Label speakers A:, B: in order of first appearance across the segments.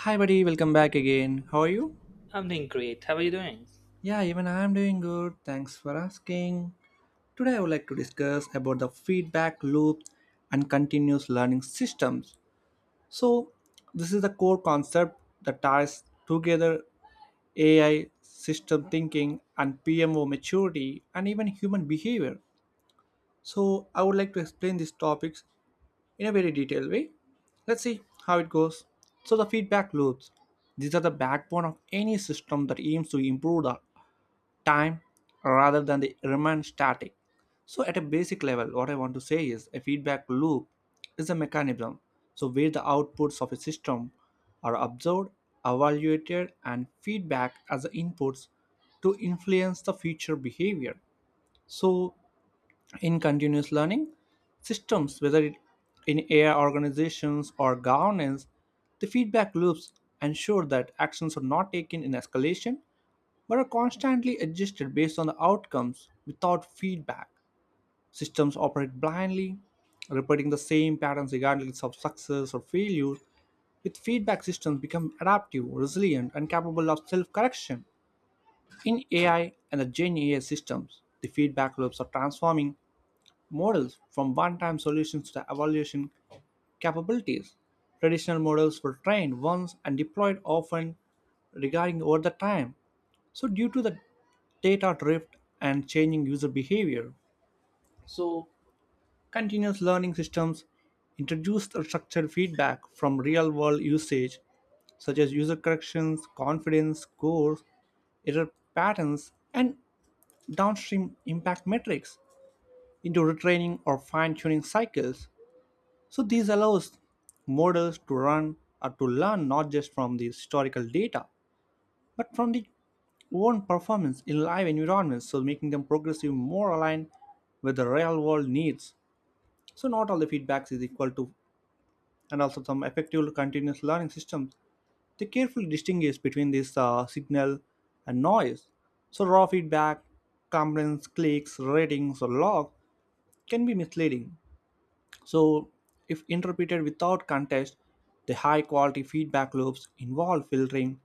A: Hi, buddy. Welcome back again. How are you?
B: I'm doing great. How are you doing?
A: Yeah, even I am doing good. Thanks for asking. Today, I would like to discuss about the feedback loop and continuous learning systems. So this is the core concept that ties together AI, system thinking, and PMO maturity, and even human behavior. So I would like to explain these topics in a very detailed way. Let's see how it goes. So the feedback loops, these are the backbone of any system that aims to improve the time rather than they remain static. So at a basic level, what I want to say is a feedback loop is a mechanism. So where the outputs of a system are observed, evaluated, and feedback as the inputs to influence the future behavior. So in continuous learning systems, whether it, in AI organizations or governance, the feedback loops ensure that actions are not taken in escalation but are constantly adjusted based on the outcomes without feedback. Systems operate blindly, repeating the same patterns regardless of success or failure. With feedback, systems become adaptive, resilient, and capable of self correction. In AI and the Gen AI systems, the feedback loops are transforming models from one-time solutions to evaluation capabilities. Traditional models were trained once and deployed often regarding over the time. So due to the data drift and changing user behavior, so continuous learning systems introduced a structured feedback from real-world usage such as user corrections, confidence scores, error patterns, and downstream impact metrics into retraining or fine tuning cycles. So this allows models to run or to learn not just from the historical data but from the own performance in live environments, so making them progressively more aligned with the real world needs. So not all the feedbacks is equal to, and also some effective continuous learning systems, they carefully distinguish between this signal and noise. So raw feedback, complaints, clicks, ratings, or log can be misleading, so if interpreted without context, the high quality feedback loops involve filtering,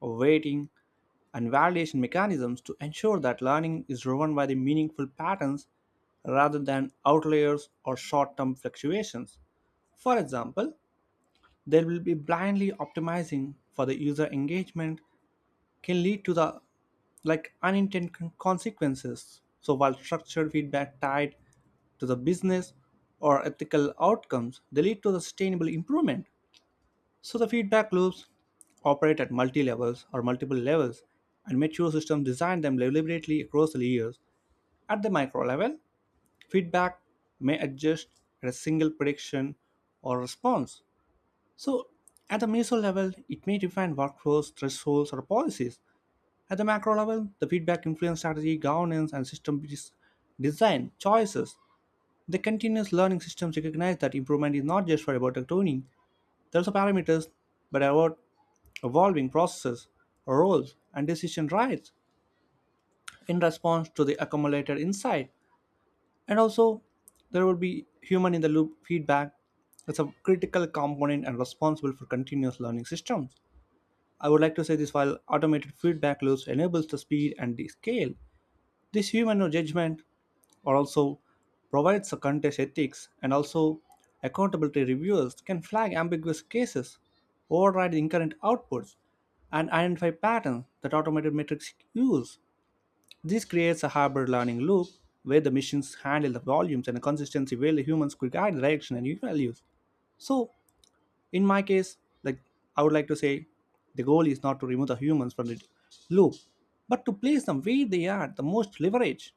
A: weighting, and validation mechanisms to ensure that learning is driven by the meaningful patterns rather than outliers or short term fluctuations. For example, they will be blindly optimizing for the user engagement can lead to the like unintended consequences. So while structured feedback tied to the business or ethical outcomes, they lead to the sustainable improvement. So the feedback loops operate at multi levels or multiple levels, and mature systems design them deliberately across the layers. At the micro level, feedback may adjust at a single prediction or response. So at the meso level, it may define workflows, thresholds, or policies. At the macro level, the feedback influence strategy, governance, and system design choices. The continuous learning systems recognize that improvement is not just for about tuning, there's also parameters, but about evolving processes, roles, and decision rights in response to the accumulated insight. And also, there will be human in the loop feedback. It's a critical component and responsible for continuous learning systems. I would like to say this while automated feedback loops enables the speed and the scale. This human judgment or also provides a contest ethics and also accountability reviewers can flag ambiguous cases, override incorrect outputs, and identify patterns that automated metrics use. This creates a hybrid learning loop where the machines handle the volumes and the consistency where the humans could guide the direction and new values. So in my case, like, I would like to say, the goal is not to remove the humans from the loop, but to place them where they are the most leverage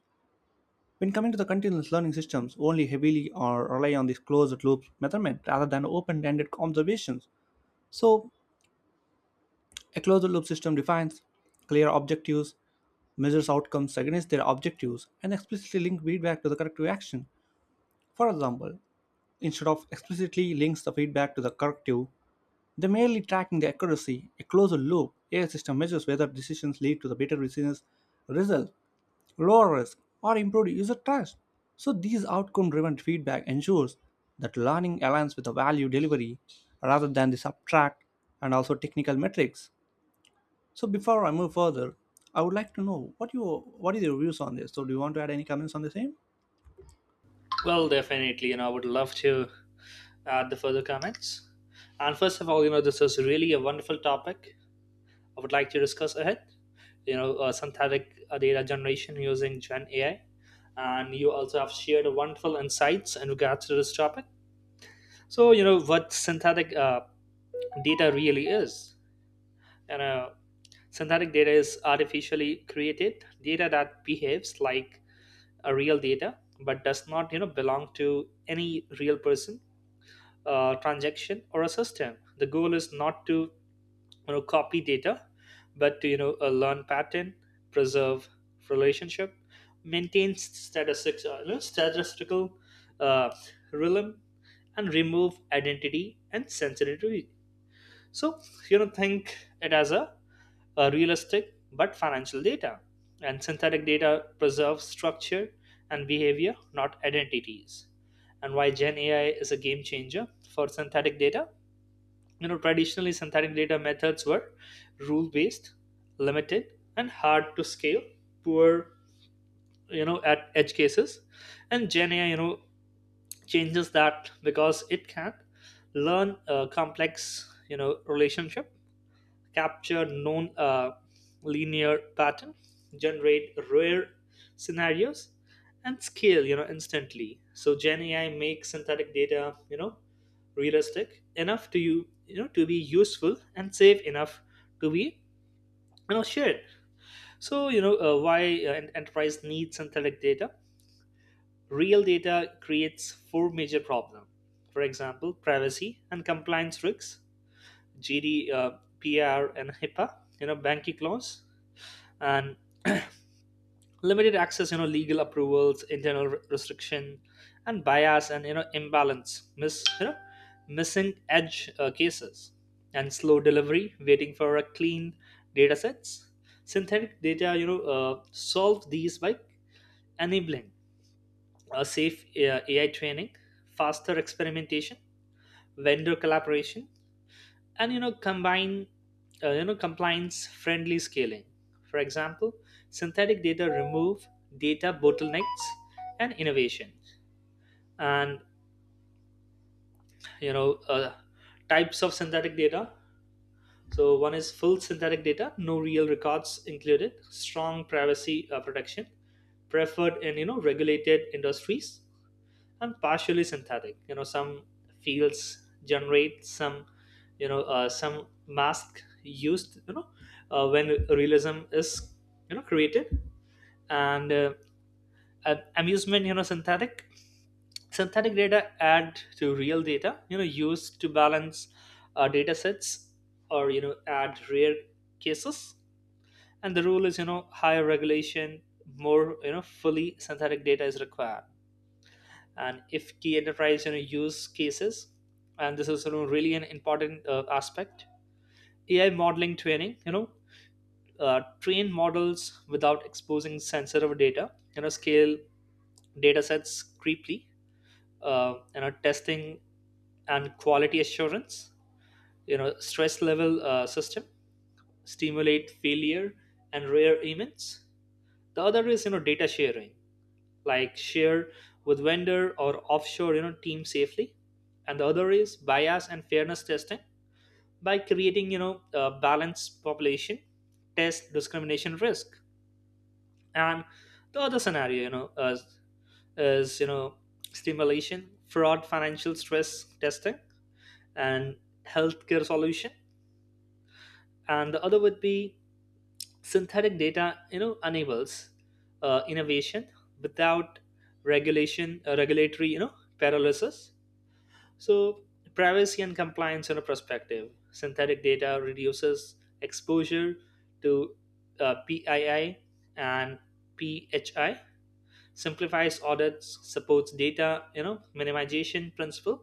A: when coming to the continuous learning systems, only heavily or rely on these closed loop method rather than open ended observations. So a closed loop system defines clear objectives, measures outcomes against their objectives, and explicitly links feedback to the corrective action. For example, instead of explicitly links the feedback to the corrective, they merely tracking the accuracy. A closed loop AI system measures whether decisions lead to the better business result, lower risk, or improved user trust. So these outcome driven feedback ensures that learning aligns with the value delivery rather than the subtract and also technical metrics. So before I move further, I would like to know what you, what is your views on this. So do you want to add any comments on the same?
B: Well, definitely, I would love to add the further comments. And first of all, this is really a wonderful topic I would like to discuss ahead. Synthetic data generation using Gen AI. And you also have shared wonderful insights in regards to this topic. So, what synthetic data really is. You know, synthetic data is artificially created data that behaves like a real data but does not, belong to any real person transaction or a system. The goal is not to copy data, but to learn pattern, preserve relationship, maintain statistics, statistical uh, realm, and remove identity and sensitivity. So think it as a realistic but financial data, and synthetic data preserves structure and behavior, not identities. And why Gen AI is a game changer for synthetic data, traditionally synthetic data methods were rule based, limited and hard to scale, poor at edge cases. And Gen AI, changes that because it can learn a complex, relationship, capture known linear pattern, generate rare scenarios, and scale instantly. So Gen AI makes synthetic data you know realistic enough to to be useful and safe enough to be shared. So why enterprise needs synthetic data. Real data creates four major problems. For example, privacy and compliance risks, GDPR and hipaa, banking laws, and limited access, legal approvals, internal restriction, and bias, and imbalance, missing edge cases, and slow delivery waiting for a clean data sets. Synthetic data, solve these by enabling a safe AI training, faster experimentation, vendor collaboration, and combine, compliance friendly scaling. For example, synthetic data remove data bottlenecks and innovation. And you know uh, types of synthetic data: so one is full synthetic data, no real records included, strong privacy protection, preferred in regulated industries. And partially synthetic, some fields generate some, some mask used, when realism is created. And an amusement, synthetic data add to real data, used to balance data sets, or add rare cases. And the rule is, higher regulation, more, fully synthetic data is required. And if key enterprise, use cases, and this is, really an important aspect: AI modeling training, train models without exposing sensitive data, scale data sets creepily, testing and quality assurance, stress level system, stimulate failure and rare events. The other is, data sharing, like share with vendor or offshore team safely. And the other is bias and fairness testing, by creating a balanced population, test discrimination risk. And the other scenario, is, stimulation, fraud financial stress testing, and healthcare solution. And the other would be synthetic data, enables innovation without regulation regulatory, paralysis. So, privacy and compliance in a perspective. Synthetic data reduces exposure to PII and PHI, simplifies audits, supports data, minimization principle.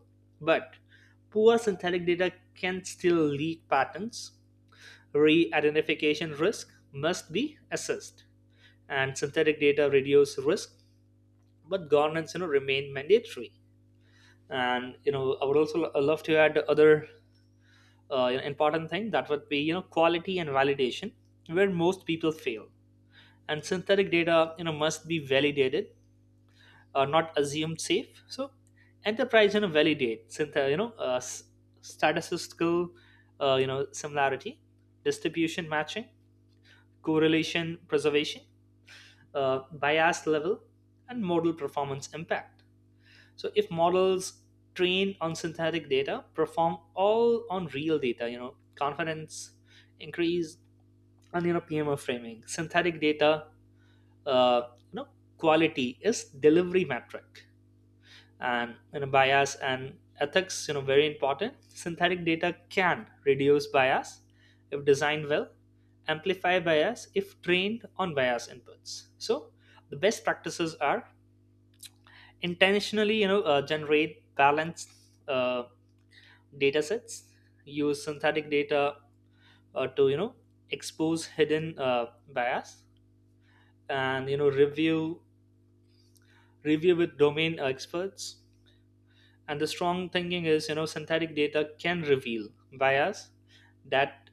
B: But poor synthetic data can still leak patterns. Re-identification risk must be assessed, and synthetic data reduce risk, but governance, remain mandatory. And I would also love to add other important thing, that would be quality and validation, where most people fail. And synthetic data, must be validated, not assumed safe. So enterprise, validate statistical, similarity, distribution matching, correlation preservation, bias level, and model performance impact. So if models trained on synthetic data perform all on real data, confidence increase. And PMO framing. Synthetic data, uh, you know, quality is delivery metric. And bias and ethics, very important. Synthetic data can reduce bias if designed well, amplify bias if trained on bias inputs. So the best practices are intentionally, generate balanced uh, data sets, use synthetic data to expose hidden bias. And review with domain experts. And the strong thinking is, synthetic data can reveal bias that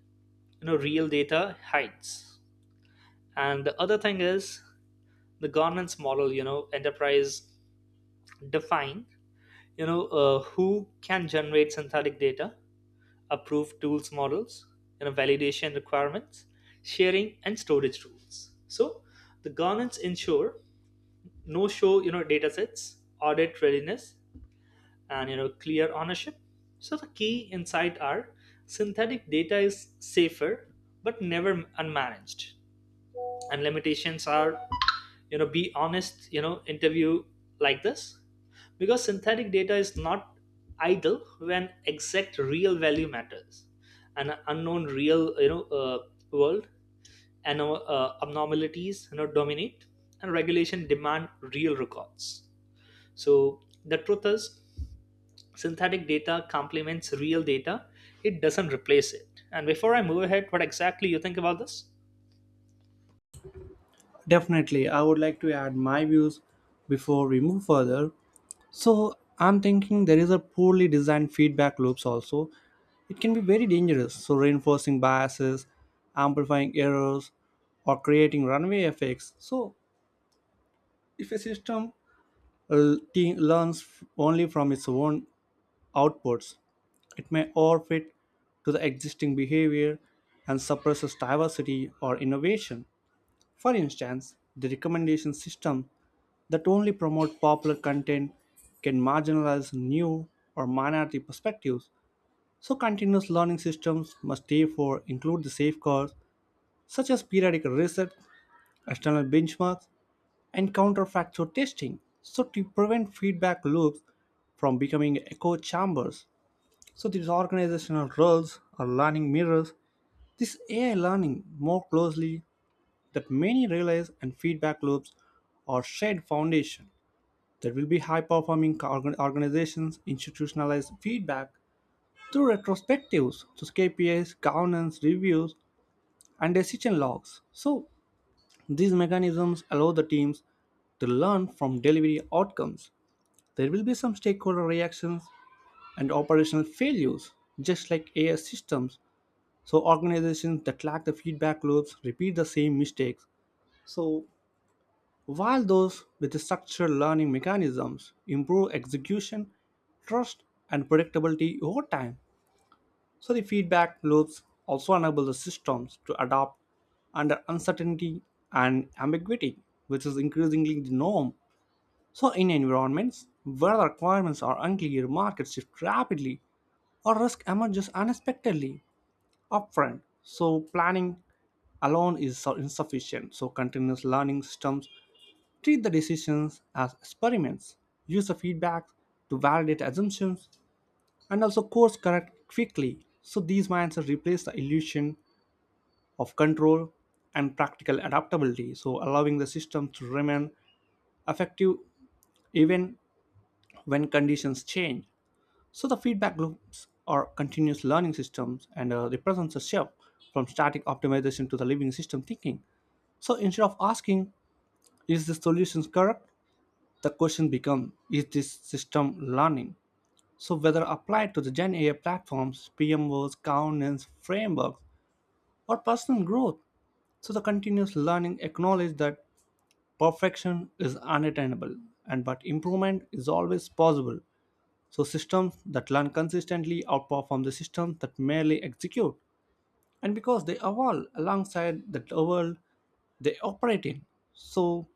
B: real data hides. And the other thing is the governance model, enterprise define, who can generate synthetic data, approve tools models, validation requirements, sharing and storage rules. So the governance ensure no show, datasets, audit readiness, and clear ownership. So the key insight are synthetic data is safer but never unmanaged. And limitations are, be honest, interview like this, because synthetic data is not idle when exact real value matters, and an unknown real, world, and abnormalities, dominate, and regulation demand real records. So the truth is synthetic data complements real data, it doesn't replace it. And before I move ahead, what exactly you think about this?
A: Definitely, I would like to add my views before we move further. So I'm thinking there is a poorly designed feedback loops also. It can be very dangerous. So reinforcing biases, amplifying errors, or creating runway effects. So if a system learns only from its own outputs, it may overfit to the existing behavior and suppresses diversity or innovation. For instance, the recommendation system that only promotes popular content can marginalize new or minority perspectives. So continuous learning systems must therefore include the safeguards such as periodic reset, external benchmarks, and counterfactual testing so to prevent feedback loops from becoming echo chambers. So these organizational roles or learning mirrors this AI learning more closely that many relays and feedback loops are shared foundation that will be high performing organizations institutionalize feedback through retrospectives to KPIs, governance, reviews, and decision logs. So these mechanisms allow the teams to learn from delivery outcomes. There will be some stakeholder reactions and operational failures. Just like AI systems, so organizations that lack the feedback loops repeat the same mistakes. So while those with the structured learning mechanisms improve execution, trust, and predictability over time, so the feedback loops also enable the systems to adapt under uncertainty and ambiguity, which is increasingly the norm so, in environments where the requirements are unclear, markets shift rapidly or risk emerges unexpectedly upfront. So planning alone is so insufficient. So continuous learning systems treat the decisions as experiments, use the feedback to validate assumptions, and also course correct quickly. So these mindsets replace the illusion of control and practical adaptability, so allowing the system to remain effective even when conditions change. So the feedback loops are continuous learning systems and represents a shift from static optimization to the living system thinking. So instead of asking, is the solution correct? The question becomes, is this system learning? So whether applied to the Gen AI platforms, PMOs, governance, frameworks, or personal growth, so the continuous learning acknowledges that perfection is unattainable and but improvement is always possible. So systems that learn consistently outperform the systems that merely execute. And because they evolve alongside the world they operate in. So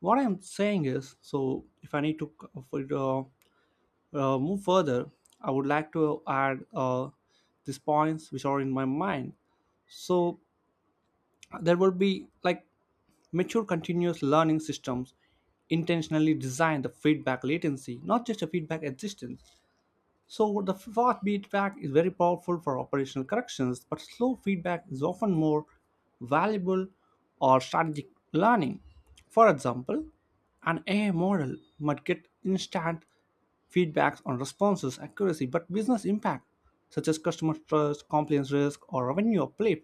A: what I'm saying is, so if I need to move further, I would like to add these points which are in my mind. So there will be like mature continuous learning systems intentionally design the feedback latency, not just a feedback existence. So the fast feedback is very powerful for operational corrections, but slow feedback is often more valuable or strategic learning. For example, an AI model might get instant feedbacks on responses accuracy, but business impact, such as customer trust, compliance risk, or revenue uplift,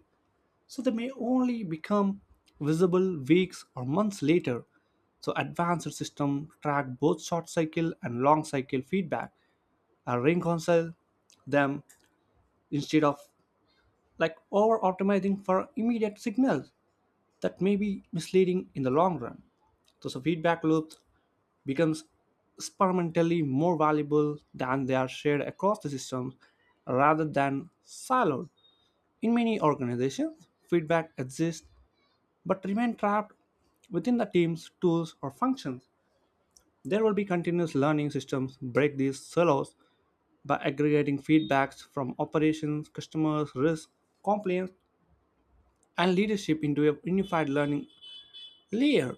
A: so they may only become visible weeks or months later. So advanced systems track both short cycle and long cycle feedback, reconcile them instead of like over optimizing for immediate signals that may be misleading in the long run. So, so feedback loops becomes experimentally more valuable than they are shared across the systems rather than siloed. In many organizations, feedback exists but remain trapped within the team's tools or functions. There will be continuous learning systems break these silos by aggregating feedbacks from operations, customers, risk, compliance, and leadership into a unified learning layer.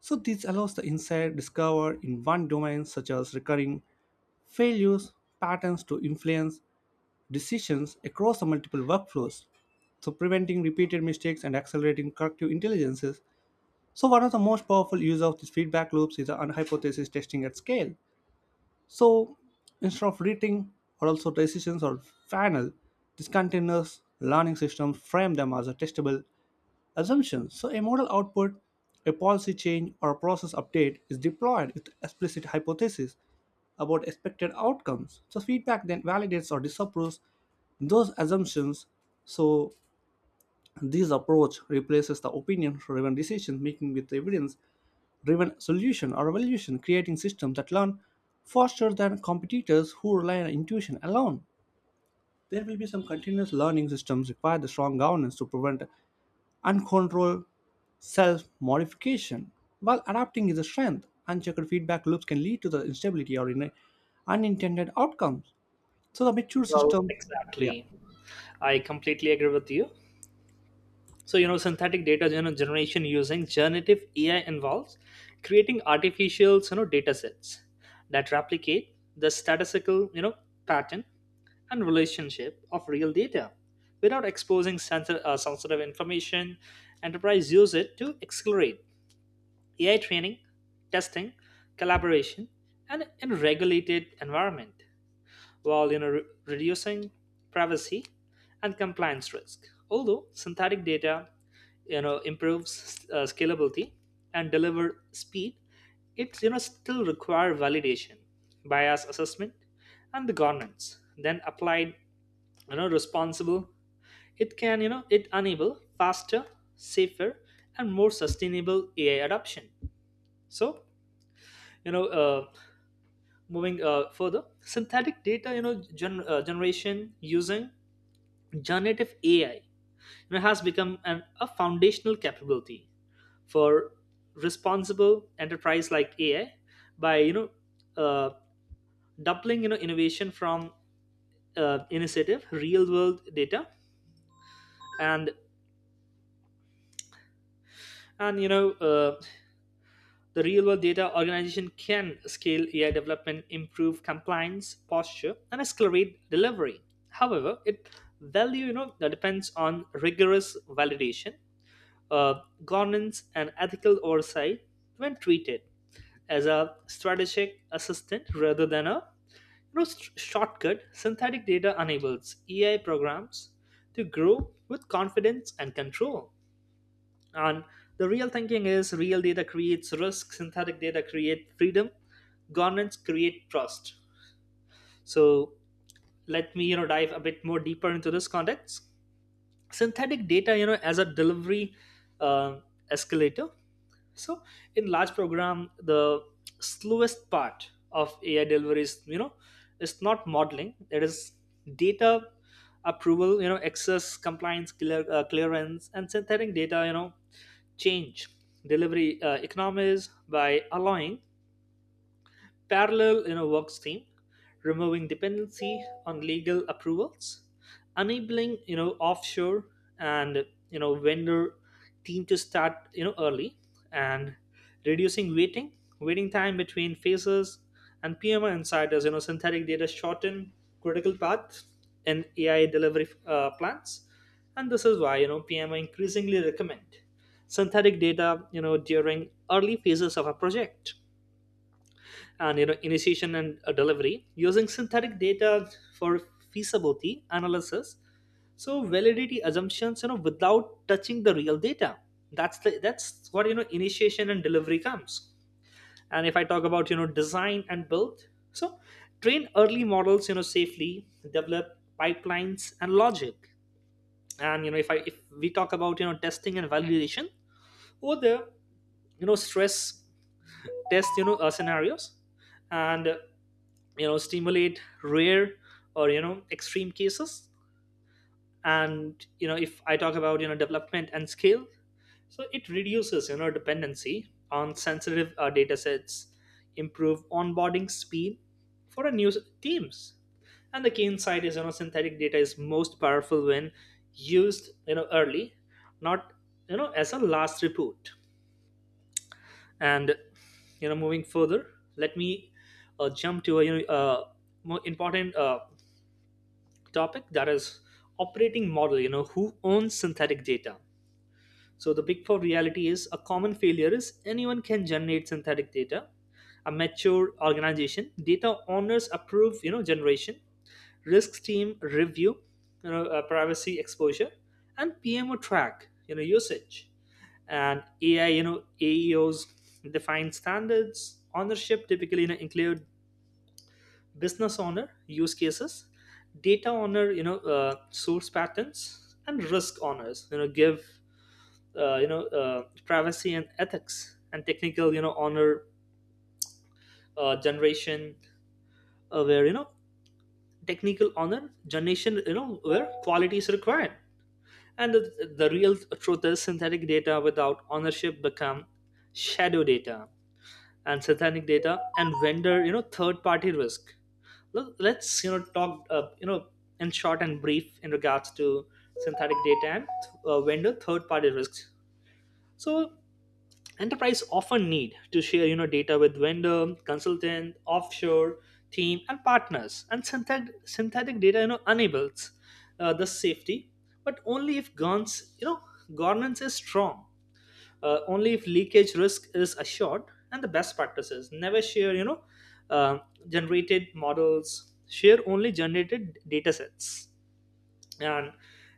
A: So this allows the insight discovered in one domain, such as recurring failures patterns, to influence decisions across the multiple workflows. So preventing repeated mistakes and accelerating corrective intelligences. So one of the most powerful use of these feedback loops is the hypothesis testing at scale. So instead of rating or also decisions or final, these continuous learning systems frame them as a testable assumption. So a model output, a policy change, or a process update is deployed with explicit hypothesis about expected outcomes. So feedback then validates or disapproves those assumptions. So this approach replaces the opinion driven decision making with evidence driven solution or evolution, creating systems that learn faster than competitors who rely on intuition alone. There will be some continuous learning systems require the strong governance to prevent uncontrolled self modification. While adapting is a strength, unchecked feedback loops can lead to the instability or in unintended outcomes. So the mature
B: Well,
A: system,
B: exactly,
A: yeah,
B: I completely agree with you. So synthetic data, generation using generative AI involves creating artificial, data sets that replicate the statistical, pattern and relationship of real data without exposing sensitive information. Enterprise use it to accelerate AI training, testing, collaboration, and in regulated environment, while reducing privacy and compliance risk. Although synthetic data improves scalability and deliver speed, it still require validation, bias assessment, and the governance. Then applied responsible, it can it enable faster, safer, and more sustainable AI adoption. So you know uh, moving further, synthetic data, generation using generative AI, has become a foundational capability for responsible enterprise like AI, by uh, doubling, innovation from initiative real world data. And and you know uh, The real world data organization can scale AI development, improve compliance, posture, and accelerate delivery. However, its value, depends on rigorous validation, governance, and ethical oversight. When treated as a strategic assistant rather than a shortcut. Synthetic data enables AI programs to grow with confidence and control. And the real thinking is real data creates risk, synthetic data create freedom, governance create trust. So let me dive a bit more deeper into this context. Synthetic data, as a delivery uh, escalator. So in large program, the slowest part of AI delivery is, it's not modeling. It is data approval, access, compliance, clearance. And synthetic data, change delivery economies by allowing parallel, work stream, removing dependency on legal approvals, enabling offshore and vendor team to start early, and reducing waiting time between phases. And PMI insiders. Synthetic data shorten critical path in AI delivery plans. And this is why, PMI increasingly recommend synthetic data during early phases of a project. And initiation and delivery using synthetic data for feasibility analysis, so validity assumptions without touching the real data. That's the that's what, initiation and delivery comes. And if I talk about, design and build, so train early models safely, develop pipelines and logic. And if we talk about, testing and validation, or the, stress test, scenarios, and stimulate rare or extreme cases. And if I talk about, development and scale, so it reduces, dependency on sensitive data sets, improve onboarding speed for a new teams. And the key insight is, synthetic data is most powerful when used, early, not as a last report. And moving further, let me jump to a more important topic, that is operating model, who owns synthetic data. So the big 4 reality is a common failure is anyone can generate synthetic data. A mature organization data owners approve, generation, risk team review, privacy exposure, and PMO track, usage, and AI, AEOs define standards. Ownership typically, include business owner use cases, data owner, source patterns, and risk owners, give privacy and ethics, and technical, honor generation, where technical honor generation, where quality is required. And the real truth is synthetic data without ownership become shadow data. And synthetic data and vendor, third party risk. Let's, talk in short and brief in regards to synthetic data and vendor third party risks. So enterprise often need to share, data with vendor consultant offshore team and partners. And synthetic data, enables the safety, but only if guns, governance is strong, only if leakage risk is assured. And the best practices: never share, uh, generated models, share only generated data sets. And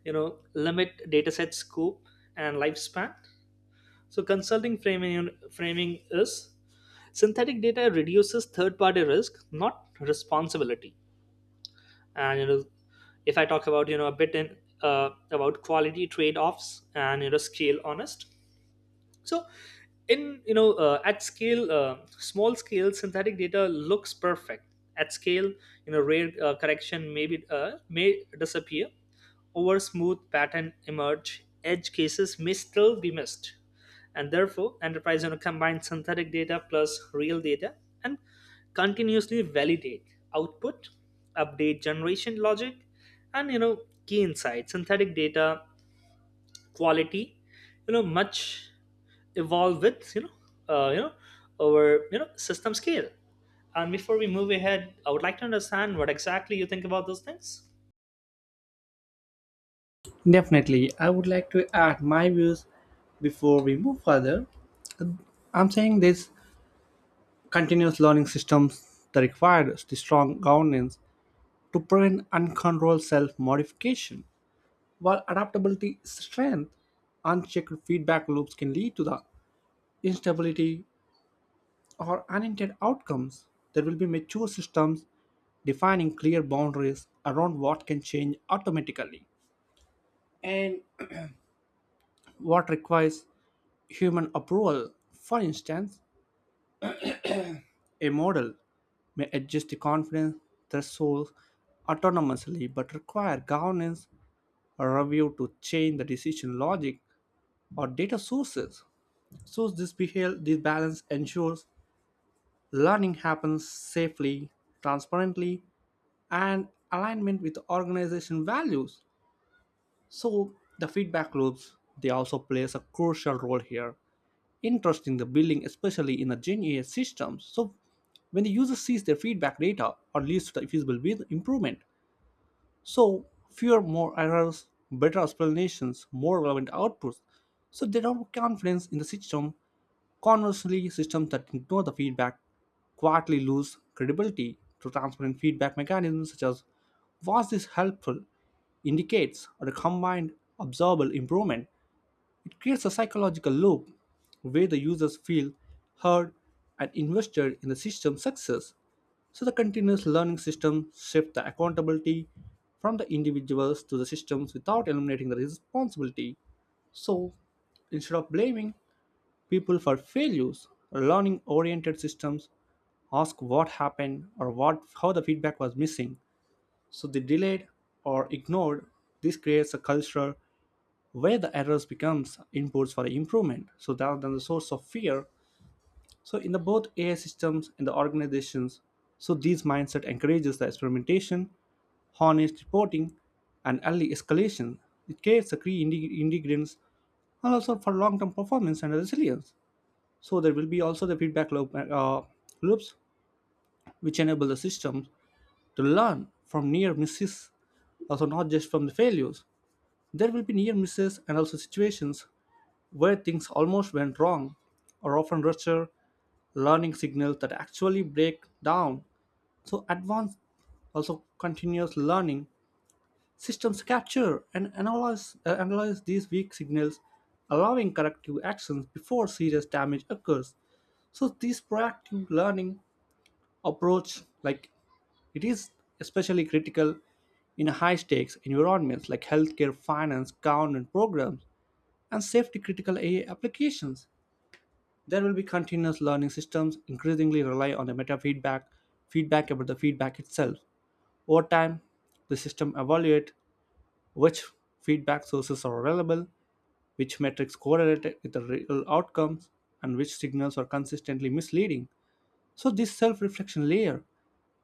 B: limit data set scope and lifespan. So consulting framing is synthetic data reduces third party risk, not responsibility. And if I talk about, a bit in, about quality trade offs and, scale honest. So in, at scale, small scale synthetic data looks perfect. At scale, rare correction may be may disappear over smooth pattern emerge, edge cases may still be missed. And therefore enterprise, combines synthetic data plus real data, and continuously validate output, update generation logic. And key insights: synthetic data quality, much evolve with uh, you know our, system scale. And before we move ahead, I would like to understand what exactly you think about those things.
A: definitely. I would like to add my views before we move further. I'm saying this, continuous learning systems that require the strong governance to prevent uncontrolled self-modification. While adaptability is strength, unchecked feedback loops can lead to the instability or unintended outcomes. There will be mature systems defining clear boundaries around what can change automatically and what requires human approval. For instance, a model may adjust the confidence threshold autonomously but require governance or review to change the decision logic or data sources. So this balance ensures learning happens safely, transparently, and alignment with organization values. So the feedback loops they also plays a crucial role here. Interesting the building, especially in the Gen AI systems. So when the user sees their feedback data or leads to the visible with improvement, so, fewer more errors, better explanations, more relevant outputs. So, they don't have confidence in the system. Conversely, systems that ignore the feedback quietly lose credibility to transparent feedback mechanisms such as was this helpful, indicates, or a combined observable improvement. It creates a psychological loop where the users feel heard and invested in the system's success. So the continuous learning system shifts the accountability from the individuals to the systems without eliminating the responsibility. So instead of blaming people for failures, learning oriented systems ask what happened or what how the feedback was missing. So they delayed or ignored. This creates a culture where the errors becomes inputs for improvement so rather than the source of fear, so in the both AI systems and the organizations, so this mindset encourages the experimentation, honest reporting, and early escalation. It creates the key ingredients and also for long-term performance and resilience. So there will be also the feedback loops which enable the system to learn from near misses also not just from the failures. There will be near misses and also situations where things almost went wrong are often richer learning signals that actually break down. So, advanced, also continuous learning systems capture and analyze these weak signals, allowing corrective actions before serious damage occurs. So, this proactive learning approach, like it is especially critical in high stakes environments like healthcare, finance, government programs, and safety critical AI applications. There will be continuous learning systems increasingly rely on the meta feedback, feedback about the feedback itself. Over time, the system evaluate which feedback sources are available, which metrics correlate with the real outcomes, and which signals are consistently misleading. So this self-reflection layer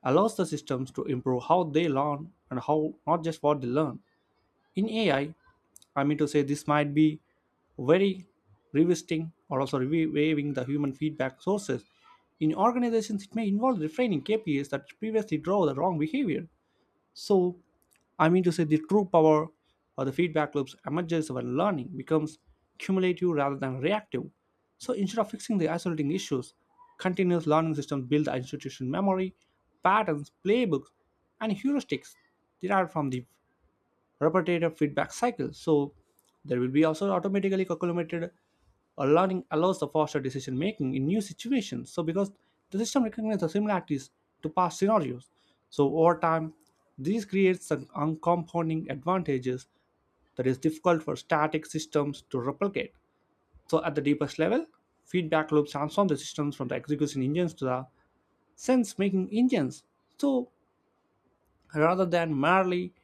A: allows the systems to improve how they learn and how, not just what they learn. In AI, I mean to say this might be very revisiting or also waiving the human feedback sources. In organizations, it may involve refraining KPIs that previously drove the wrong behavior. So, I mean to say the true power of the feedback loops emerges when learning becomes cumulative rather than reactive. So, instead of fixing the isolating issues, continuous learning systems build the institution memory, patterns, playbooks, and heuristics derived from the repetitive feedback cycle. So there will be also automatically calculated or learning allows the faster decision making in new situations. So because the system recognizes the similarities to past scenarios. So over time, this creates some uncompounding advantages that is difficult for static systems to replicate. So at the deepest level, feedback loops transform the systems from the execution engines to the sense making engines. So rather than merely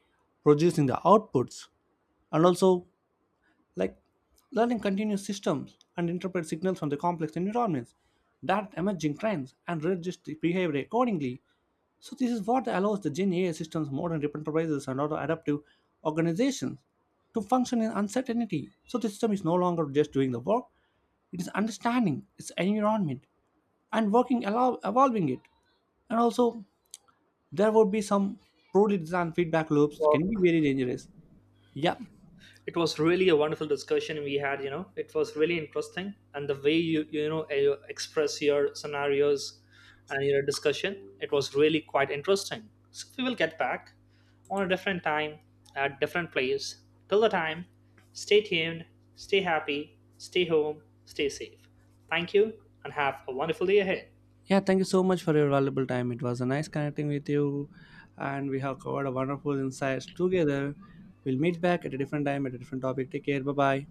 A: producing the outputs and also, like, learning continuous systems and interpret signals from the complex environments, that emerging trends, and readjust the behavior accordingly. So this is what allows the Gen AI systems, modern enterprises, and other adaptive organizations to function in uncertainty. So the system is no longer just doing the work; it is understanding its environment and working allow evolving it. And also, there would be some poorly designed feedback loops can
B: Well,
A: be very dangerous. Yeah,
B: it was really a wonderful discussion we had. It was really interesting, and the way you, you express your scenarios and your discussion, it was really quite interesting. So we will get back on a different time at different place. Till the time, stay tuned, stay happy, stay home, stay safe. Thank you, and have a wonderful day ahead.
A: Yeah, thank you so much for your valuable time. It was a nice connecting with you, and we have covered a wonderful insights together. We'll meet back at a different time at a different topic. Take care. Bye bye.